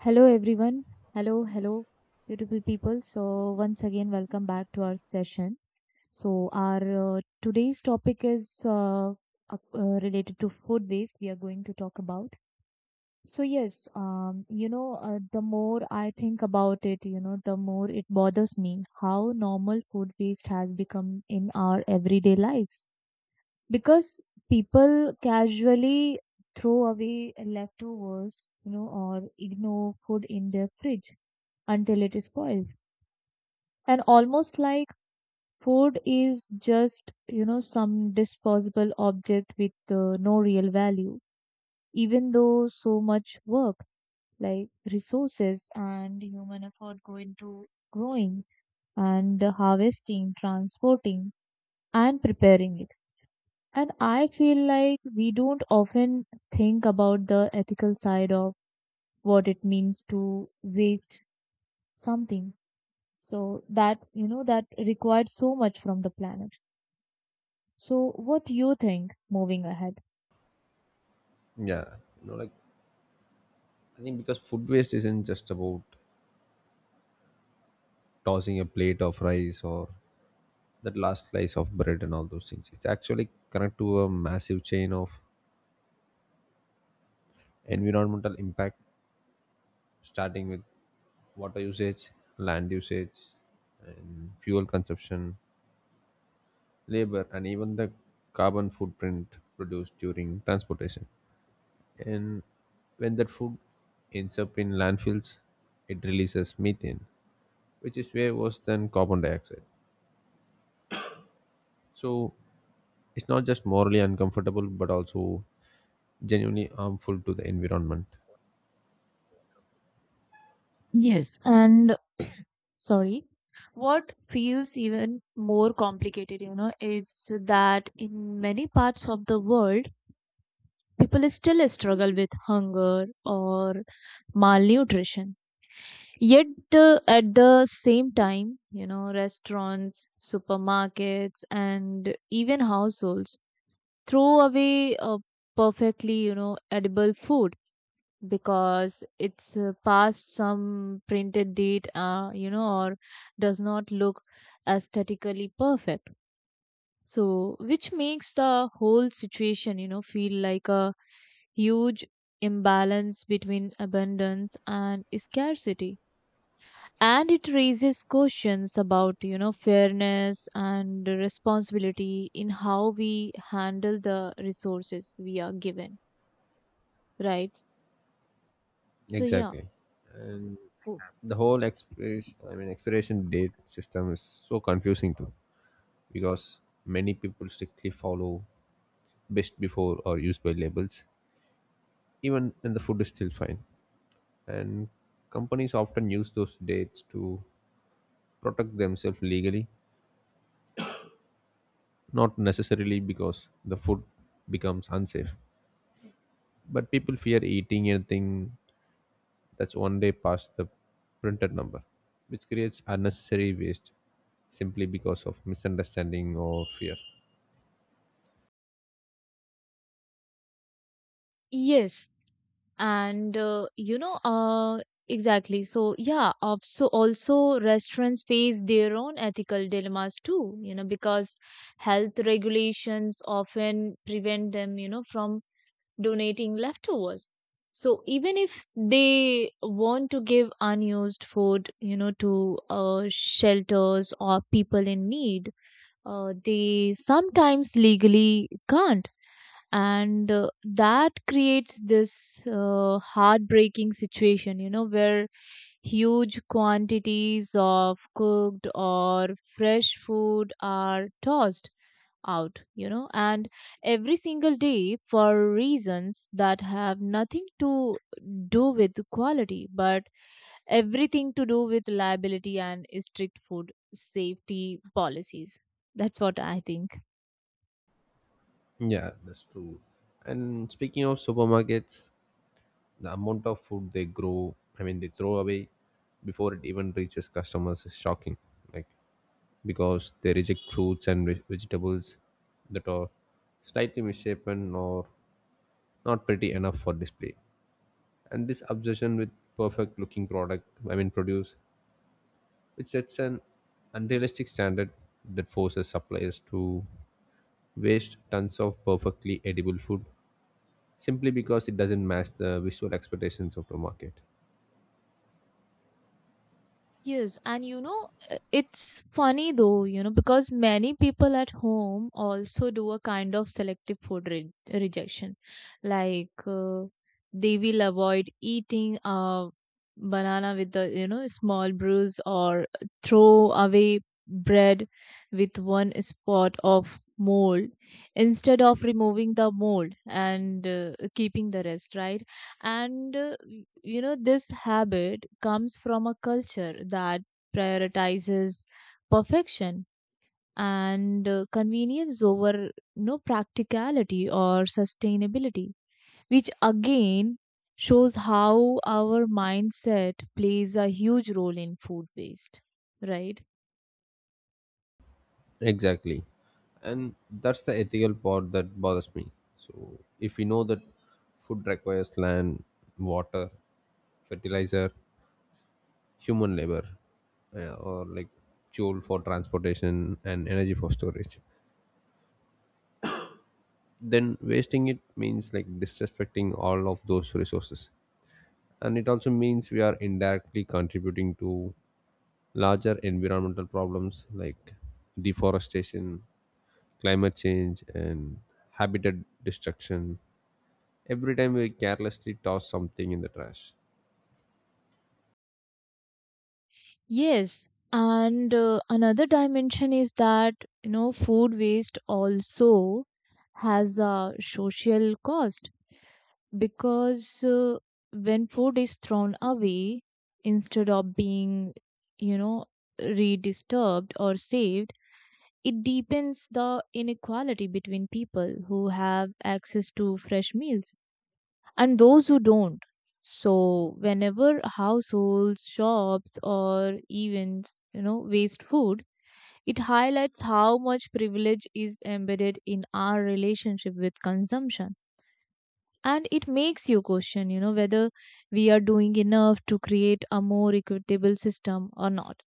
Hello, everyone. Hello, hello, beautiful people. So, once again, welcome back to our session. So, our today's topic is related to food waste. We are going to talk about. So, yes, the more I think about it, the more it bothers me how normal food waste has become in our everyday lives, because people casually throw away leftovers, or ignore food in their fridge until it spoils. And almost like food is just, some disposable object with no real value, even though so much work, like resources and human effort, go into growing and harvesting, transporting, and preparing it. And I feel like we don't often think about the ethical side of what it means to waste something. So that required so much from the planet. So what do you think moving ahead? Yeah, you know, like I think because food waste isn't just about tossing a plate of rice or that last slice of bread and all those things. It's actually connected to a massive chain of environmental impact, starting with water usage, land usage, and fuel consumption, labor, and even the carbon footprint produced during transportation. And when that food ends up in landfills, it releases methane, which is way worse than carbon dioxide. So it's not just morally uncomfortable, but also genuinely harmful to the environment. Yes. And sorry, what feels even more complicated, is that in many parts of the world, people still struggle with hunger or malnutrition. Yet, at the same time, restaurants, supermarkets, and even households throw away perfectly edible food because it's past some printed date or does not look aesthetically perfect, so which makes the whole situation feel like a huge imbalance between abundance and scarcity, and it raises questions about fairness and responsibility in how we handle the resources we are given, right? So yeah. Exactly. Oh. The whole expiration date system is so confusing too, because many people strictly follow best before or use by labels, even when the food is still fine. And companies often use those dates to protect themselves legally, not necessarily because the food becomes unsafe. But people fear eating anything that's one day past the printed number, which creates unnecessary waste simply because of misunderstanding or fear. Yes, and exactly. So yeah, so also restaurants face their own ethical dilemmas too, because health regulations often prevent them, from donating leftovers. So even if they want to give unused food, to shelters or people in need, they sometimes legally can't, and that creates this heartbreaking situation where huge quantities of cooked or fresh food are tossed out, and every single day for reasons that have nothing to do with quality, but everything to do with liability and strict food safety policies. That's what I think. Yeah, that's true. And speaking of supermarkets, the amount of food they they throw away before it even reaches customers is shocking. Like, because they reject fruits and vegetables that are slightly misshapen or not pretty enough for display. And this obsession with perfect looking product, I mean, produce, it sets an unrealistic standard that forces suppliers to waste tons of perfectly edible food simply because it doesn't match the visual expectations of the market. Yes, and you know, it's funny though, because many people at home also do a kind of selective food rejection. Like they will avoid eating a banana with the small bruise, or throw away bread with one spot of mold, instead of removing the mold and keeping the rest, right? And this habit comes from a culture that prioritizes perfection and convenience over no practicality or sustainability, which again shows how our mindset plays a huge role in food waste, right? Exactly. And that's the ethical part that bothers me. So, if we know that food requires land, water, fertilizer, human labor, or like fuel for transportation and energy for storage, then wasting it means like disrespecting all of those resources. And it also means we are indirectly contributing to larger environmental problems like deforestation, climate change, and habitat destruction every time we carelessly toss something in the trash. Yes, and another dimension is that food waste also has a social cost, because when food is thrown away instead of being, you know redisturbed or saved, it deepens the inequality between people who have access to fresh meals and those who don't. So whenever households shops or even waste food, it highlights how much privilege is embedded in our relationship with consumption, and it makes you question whether we are doing enough to create a more equitable system or not.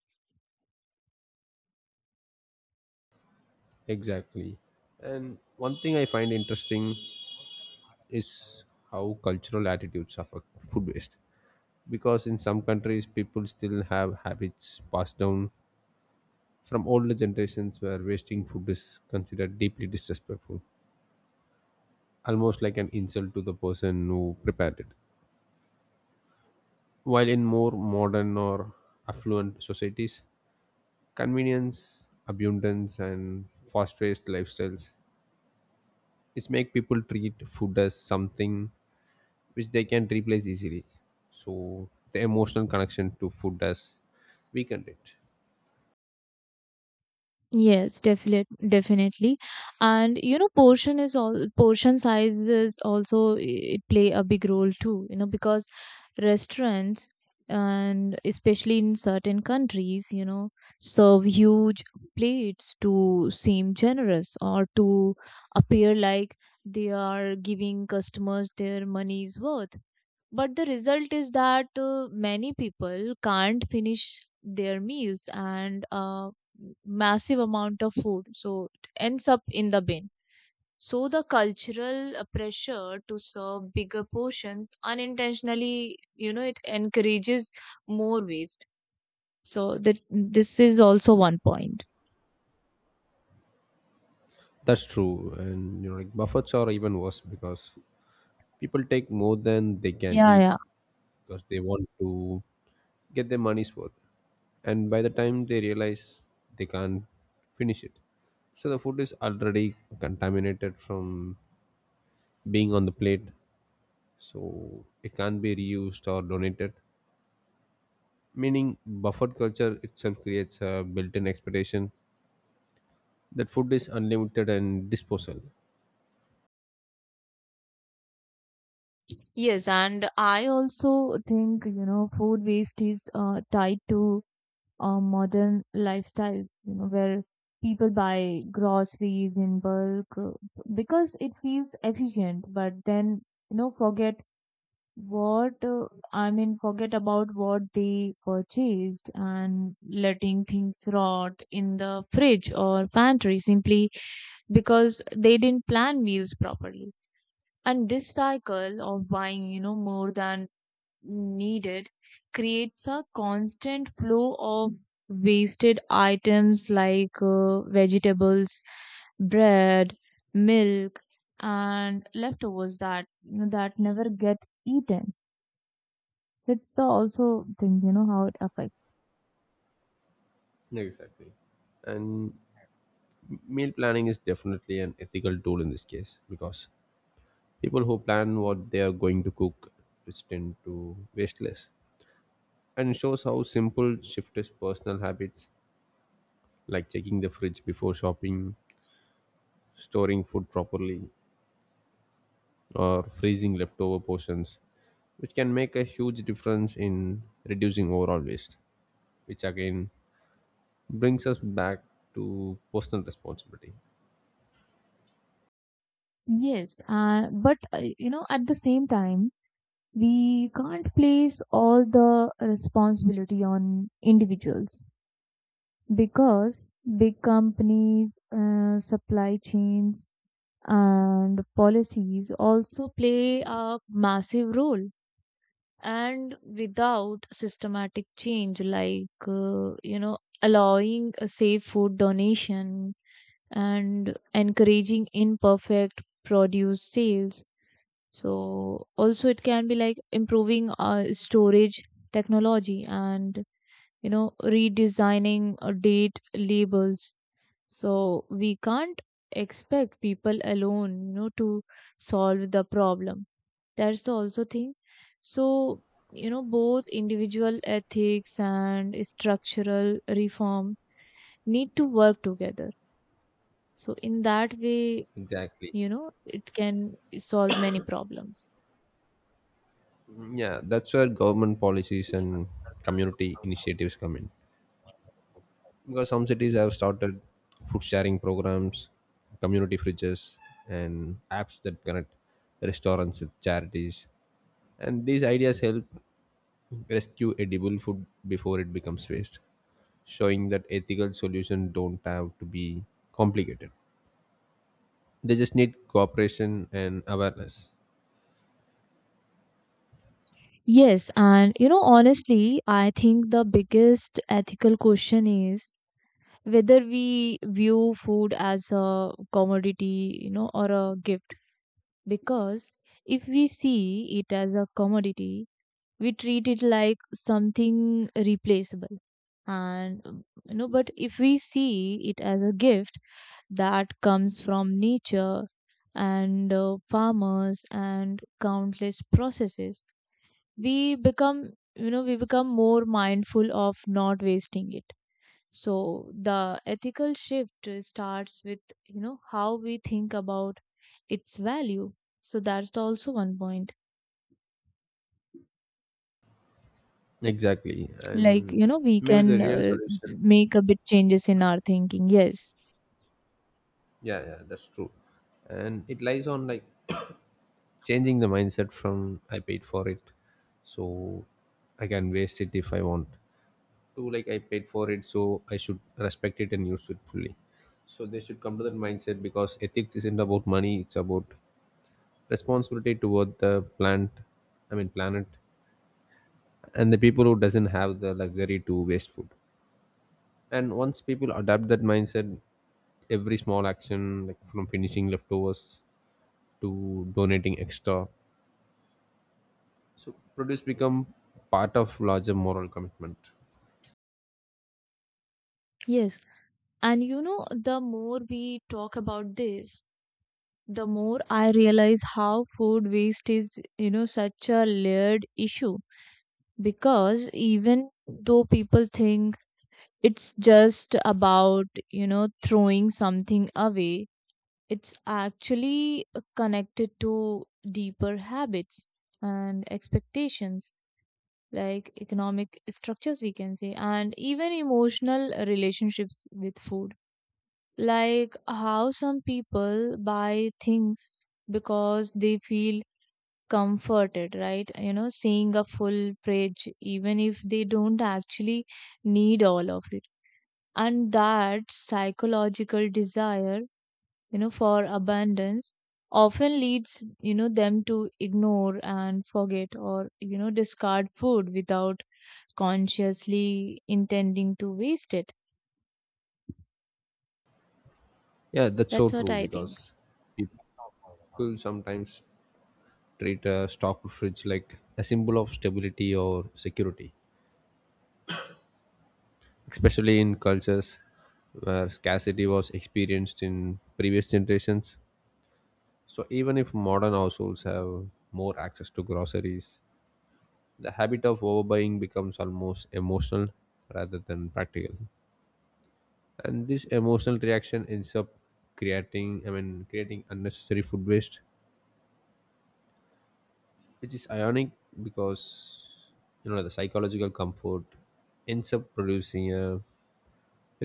Exactly. And one thing I find interesting is how cultural attitudes affect food waste, because in some countries people still have habits passed down from older generations where wasting food is considered deeply disrespectful, almost like an insult to the person who prepared it. While in more modern or affluent societies, convenience, abundance, and fast paced lifestyles, it's make people treat food as something which they can replace easily. So the emotional connection to food has weakened it. Yes, definitely, definitely. And portion is all portion size is also it play a big role too, because restaurants, and especially in certain countries, serve huge plates to seem generous or to appear like they are giving customers their money's worth. But the result is that many people can't finish their meals, and massive amount of food, so it ends up in the bin. So the cultural pressure to serve bigger portions unintentionally, it encourages more waste. So that this is also one point. That's true, and you know, like buffets are even worse because people take more than they can Yeah, eat yeah. because they want to get their money's worth, and by the time they realize they can't finish it, so the food is already contaminated from being on the plate, so it can't be reused or donated, meaning buffet culture itself creates a built-in expectation that food is unlimited and disposal. Yes, and I also think, food waste is tied to modern lifestyles, where people buy groceries in bulk, because it feels efficient, but then, forget what, I mean, forget about what they purchased, and letting things rot in the fridge or pantry simply because they didn't plan meals properly. And this cycle of buying, more than needed, creates a constant flow of wasted items like vegetables, bread, milk, and leftovers that never get eaten. That's the also thing, how it affects. Exactly. And meal planning is definitely an ethical tool in this case, because people who plan what they are going to cook tend to waste less, and shows how simple shifters personal habits, like checking the fridge before shopping, storing food properly, or freezing leftover portions, which can make a huge difference in reducing overall waste, which again brings us back to personal responsibility. Yes, but at the same time, we can't place all the responsibility on individuals, because big companies, supply chains, and policies also play a massive role. And without systematic change, like, allowing a safe food donation and encouraging imperfect produce sales. So, also, it can be like improving storage technology, and, redesigning date labels, so we can't expect people alone, to solve the problem. That's the also thing. So, both individual ethics and structural reform need to work together. So in that way, Exactly. It can solve many problems. Yeah, that's where government policies and community initiatives come in. Because some cities have started food sharing programs, community fridges, and apps that connect restaurants with charities. And these ideas help rescue edible food before it becomes waste, showing that ethical solutions don't have to be complicated. They just need cooperation and awareness. Yes, and honestly, I think the biggest ethical question is whether we view food as a commodity, or a gift, because if we see it as a commodity, we treat it like something replaceable. But if we see it as a gift that comes from nature and farmers and countless processes, we become more mindful of not wasting it, so the ethical shift starts with, how we think about its value. So that's the also one point. Exactly. Like, And we maybe the can real solution, make a bit changes in our thinking. Yes. yeah, yeah, that's true. And it lies on like changing the mindset from I paid for it, so I can waste it if I want, to like I paid for it, so I should respect it and use it fully. So they should come to that mindset because ethics isn't about money; it's about responsibility toward the plant. I mean planet and the people who doesn't have the luxury to waste food. And once people adapt that mindset, every small action like from finishing leftovers to donating extra, so produce become part of larger moral commitment. Yes. And the more we talk about this, the more I realize how food waste is, such a layered issue, because even though people think it's just about, throwing something away, it's actually connected to deeper habits and expectations, like economic structures, we can say, and even emotional relationships with food. Like how some people buy things because they feel comforted, right? Seeing a full fridge, even if they don't actually need all of it. And that psychological desire, for abundance, often leads them to ignore and forget, or discard food without consciously intending to waste it. Yeah, that's so That's what true I think. because people sometimes treat a stock fridge like a symbol of stability or security, especially in cultures where scarcity was experienced in previous generations. So even if modern households have more access to groceries, the habit of overbuying becomes almost emotional rather than practical. And this emotional reaction ends up creating I mean creating unnecessary food waste, which is ironic because you know the psychological comfort ends up producing a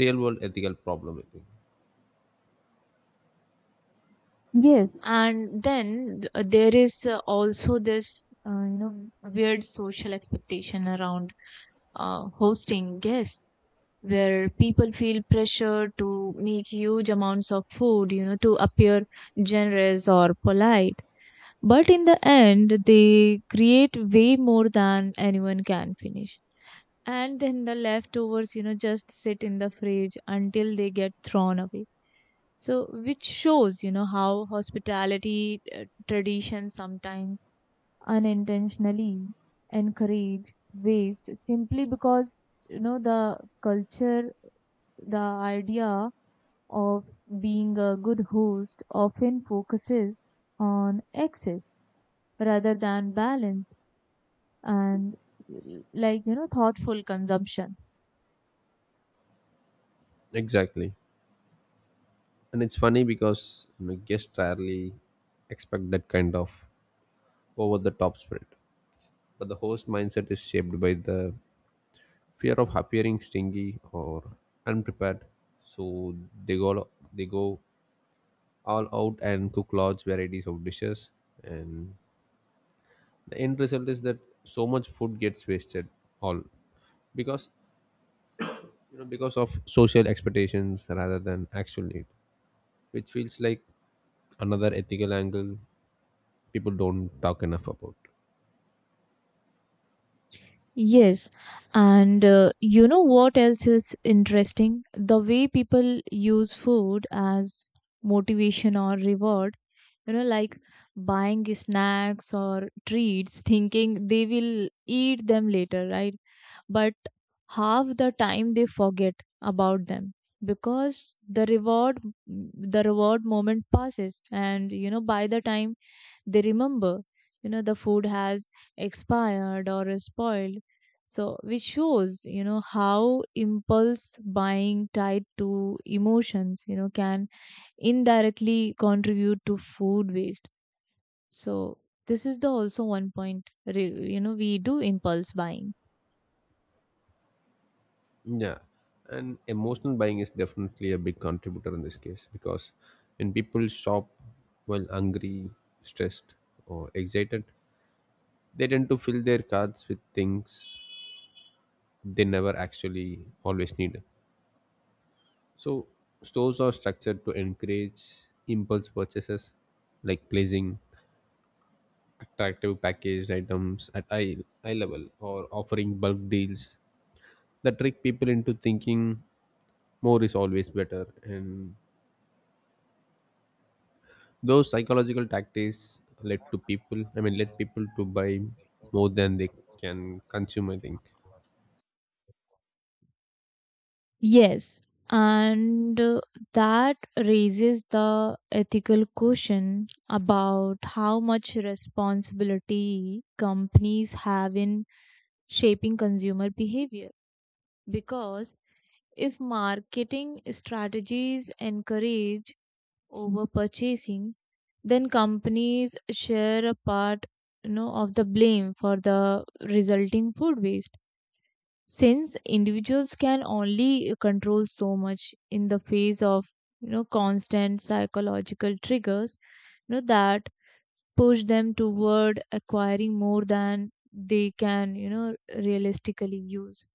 real world ethical problem, I think. And then there is also this weird social expectation around hosting guests, where people feel pressure to make huge amounts of food, to appear generous or polite. But in the end, they create way more than anyone can finish. And then the leftovers, just sit in the fridge until they get thrown away. So, which shows, how hospitality traditions sometimes unintentionally encourage waste, simply because, the culture, the idea of being a good host often focuses on excess rather than balance and, like, thoughtful consumption. Exactly. And it's funny because, you know, guests rarely expect that kind of over the top spirit, but the host mindset is shaped by the fear of appearing stingy or unprepared. So they go all out and cook large varieties of dishes, and the end result is that so much food gets wasted, all because you know because of social expectations rather than actual need, which feels like another ethical angle people don't talk enough about. Yes, and you know what else is interesting? The way people use food as motivation or reward, like buying snacks or treats, thinking they will eat them later, right? But half the time they forget about them, because the reward moment passes, and by the time they remember, the food has expired or is spoiled. So which shows how impulse buying tied to emotions, can indirectly contribute to food waste. So this is the also one point. We do impulse buying. Yeah. And emotional buying is definitely a big contributor in this case, because when people shop while hungry, stressed, or excited, they tend to fill their carts with things they never actually always need. So stores are structured to encourage impulse purchases, like placing attractive packaged items at eye level, or offering bulk deals that trick people into thinking more is always better, and those psychological tactics led to people I mean led people to buy more than they can consume, I think. Yes, and that raises the ethical question about how much responsibility companies have in shaping consumer behavior, because if marketing strategies encourage over purchasing, then companies share a part, of the blame for the resulting food waste, since individuals can only control so much in the face of, constant psychological triggers, that push them toward acquiring more than they can, realistically use.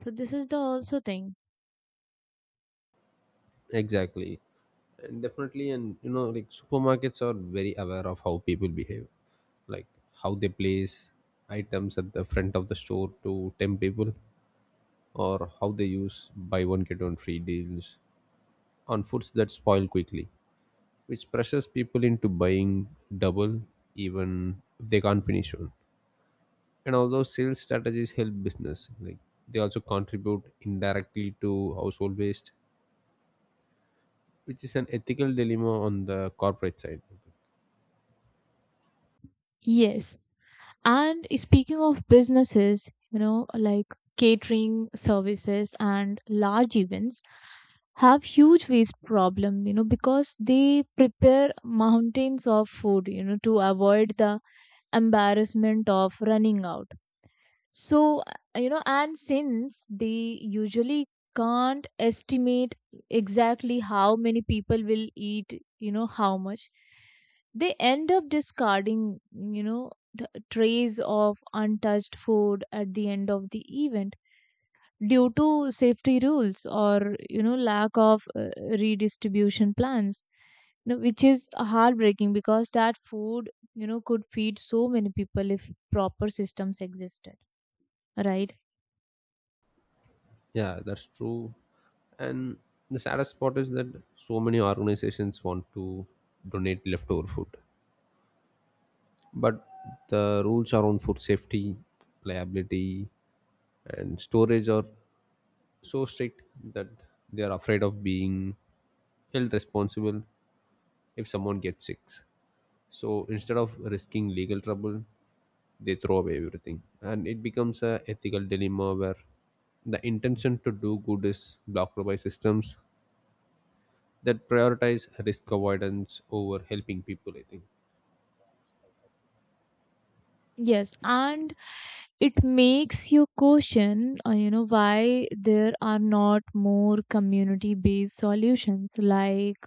So this is the also thing. Exactly. And definitely, and you know, like supermarkets are very aware of how people behave, like how they place items at the front of the store to tempt people, or how they use buy one get one free deals on foods that spoil quickly, which pressures people into buying double even if they can't finish one. And although sales strategies help business, like they also contribute indirectly to household waste, which is an ethical dilemma on the corporate side. Yes. And speaking of businesses, like catering services and large events have huge waste problem, because they prepare mountains of food, to avoid the embarrassment of running out. So, and since they usually can't estimate exactly how many people will eat, how much, they end up discarding, trays of untouched food at the end of the event due to safety rules, or, lack of redistribution plans. Which is heartbreaking, because that food, could feed so many people if proper systems existed, right? Yeah, that's true. And the saddest part is that so many organizations want to donate leftover food, but the rules around food safety, liability, and storage are so strict that they are afraid of being held responsible if someone gets sick. So instead of risking legal trouble, they throw away everything, and it becomes a ethical dilemma where the intention to do good is blocked by systems that prioritize risk avoidance over helping people, I think. Yes, and it makes you question, why there are not more community-based solutions, like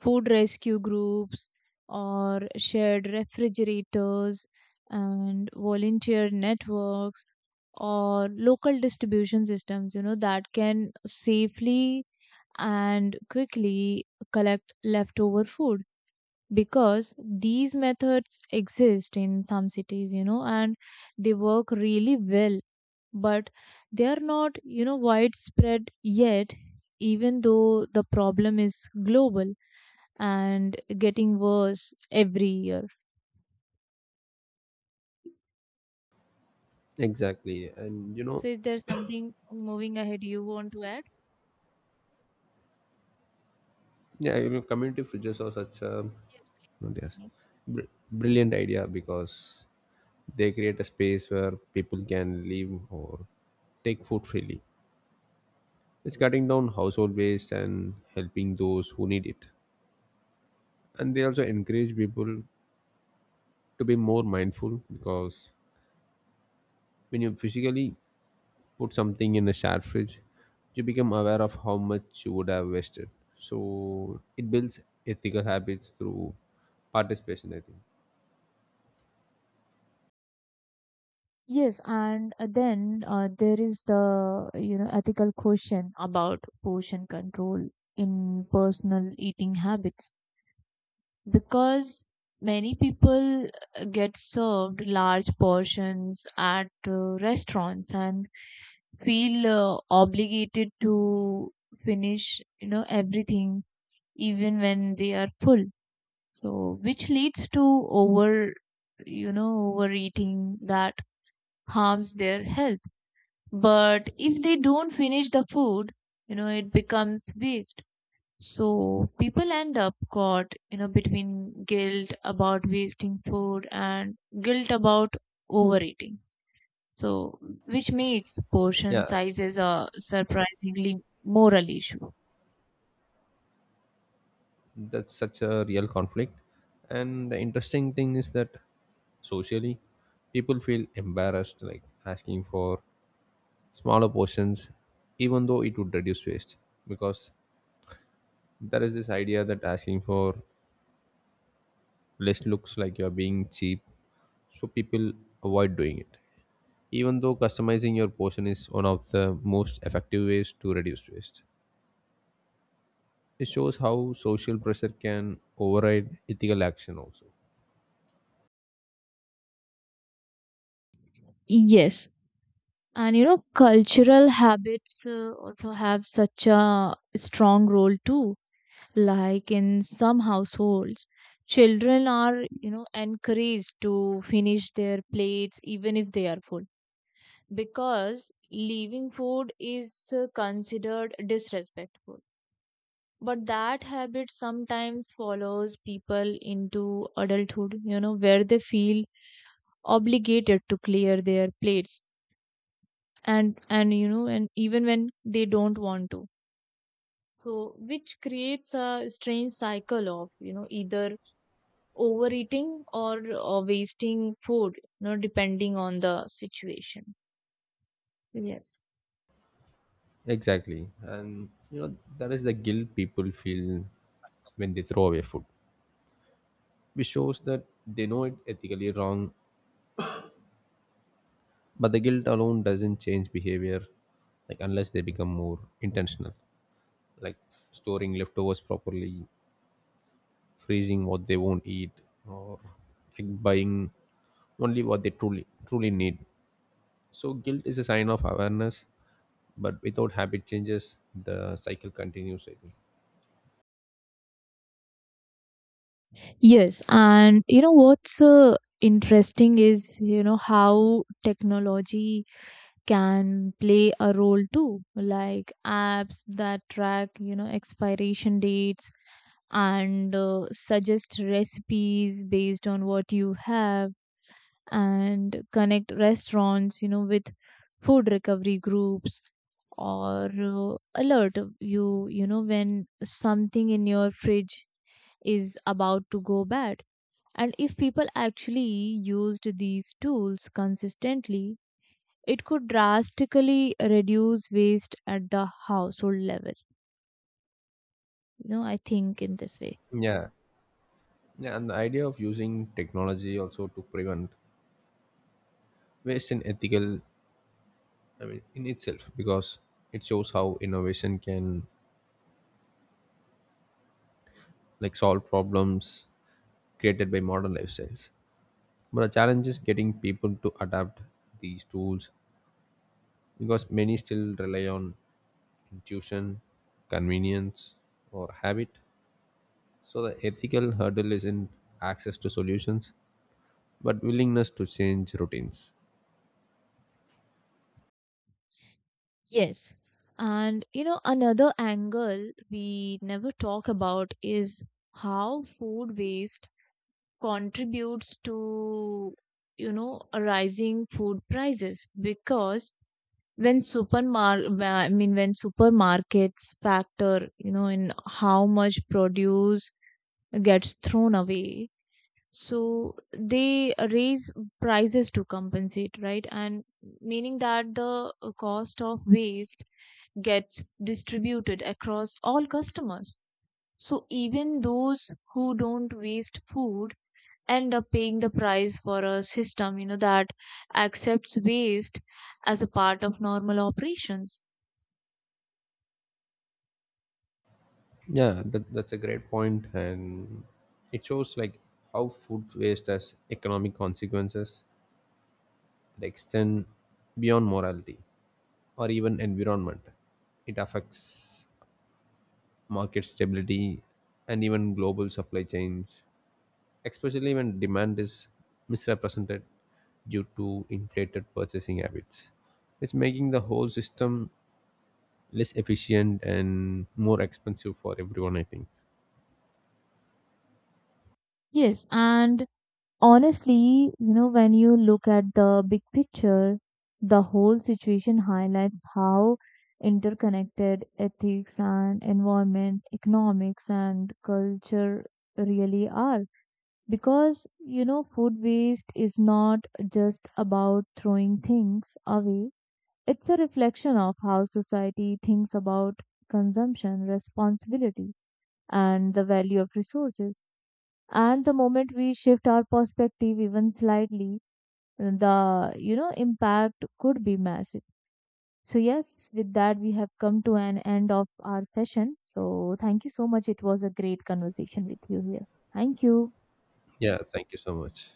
food rescue groups, or shared refrigerators, and volunteer networks, or local distribution systems that can safely and quickly collect leftover food, because these methods exist in some cities, and they work really well, but they are not, widespread yet, even though the problem is global and getting worse every year. Exactly. And you know, So, is there something moving ahead you want to add? yeah, you know community fridges are such a Yes, what do ask? please. Brilliant idea because they create a space where people can live or take food freely, it's cutting down household waste and helping those who need it. And they also encourage people to be more mindful, because when you physically put something in a shared fridge, you become aware of how much you would have wasted. So it builds ethical habits through participation, I think. Yes, and then there is the ethical question about portion control in personal eating habits, because many people get served large portions at restaurants and feel obligated to finish, everything, even when they are full. So which leads to over overeating that harms their health. But if they don't finish the food, it becomes waste. So people end up caught, between guilt about wasting food and guilt about overeating. So which makes portion Yeah, sizes a surprisingly moral issue. that's such a real conflict. And the interesting thing is that socially, people feel embarrassed like asking for smaller portions, even though it would reduce waste. Because there is this idea that asking for less looks like you're being cheap, so people avoid doing it. Even though customizing your portion is one of the most effective ways to reduce waste, it shows how social pressure can override ethical action also. Yes. And cultural habits also have such a strong role too. Like in some households, children are, encouraged to finish their plates even if they are full, because leaving food is considered disrespectful. But that habit sometimes follows people into adulthood, where they feel obligated to clear their plates, and you know and even when they don't want to. So which creates a strange cycle of, either overeating or wasting food, depending on the situation. Yes. Exactly. And you know, that is the guilt people feel when they throw away food, which shows that they know it ethically wrong, but the guilt alone doesn't change behavior, like unless they become more intentional, like storing leftovers properly, freezing what they won't eat, or like buying only what they truly need. So guilt is a sign of awareness, but without habit changes the cycle continues, I think. Yes, and you know what's interesting is how technology can play a role too, like apps that track, expiration dates, and suggest recipes based on what you have, and connect restaurants, with food recovery groups, or alert you, when something in your fridge is about to go bad. And if people actually used these tools consistently, it could drastically reduce waste at the household level, I think, in this way. Yeah, yeah. And the idea of using technology also to prevent waste in ethical I mean in itself, because it shows how innovation can like solve problems created by modern lifestyles, but the challenge is getting people to adapt these tools because many still rely on intuition, convenience, or habit. So the ethical hurdle isn't access to solutions, but willingness to change routines. Yes. And another angle we never talk about is how food waste contributes to, you know rising food prices, because when supermar I mean, when supermarkets factor, in how much produce gets thrown away, so they raise prices to compensate, right, and meaning that the cost of waste gets distributed across all customers, so even those who don't waste food end up paying the price for a system that accepts waste as a part of normal operations. Yeah, that's a great point, and it shows like how food waste has economic consequences that extend beyond morality or even environment. It affects market stability and even global supply chains, especially when demand is misrepresented due to inflated purchasing habits. It's making the whole system less efficient and more expensive for everyone, I think. Yes, and honestly, when you look at the big picture, the whole situation highlights how interconnected ethics and environment, economics and culture really are. Because, food waste is not just about throwing things away, it's a reflection of how society thinks about consumption, responsibility, and the value of resources, and the moment we shift our perspective even slightly, the impact could be massive. So yes, with that we have come to an end of our session. So thank you so much. It was a great conversation with you here. Thank you. Yeah, thank you so much.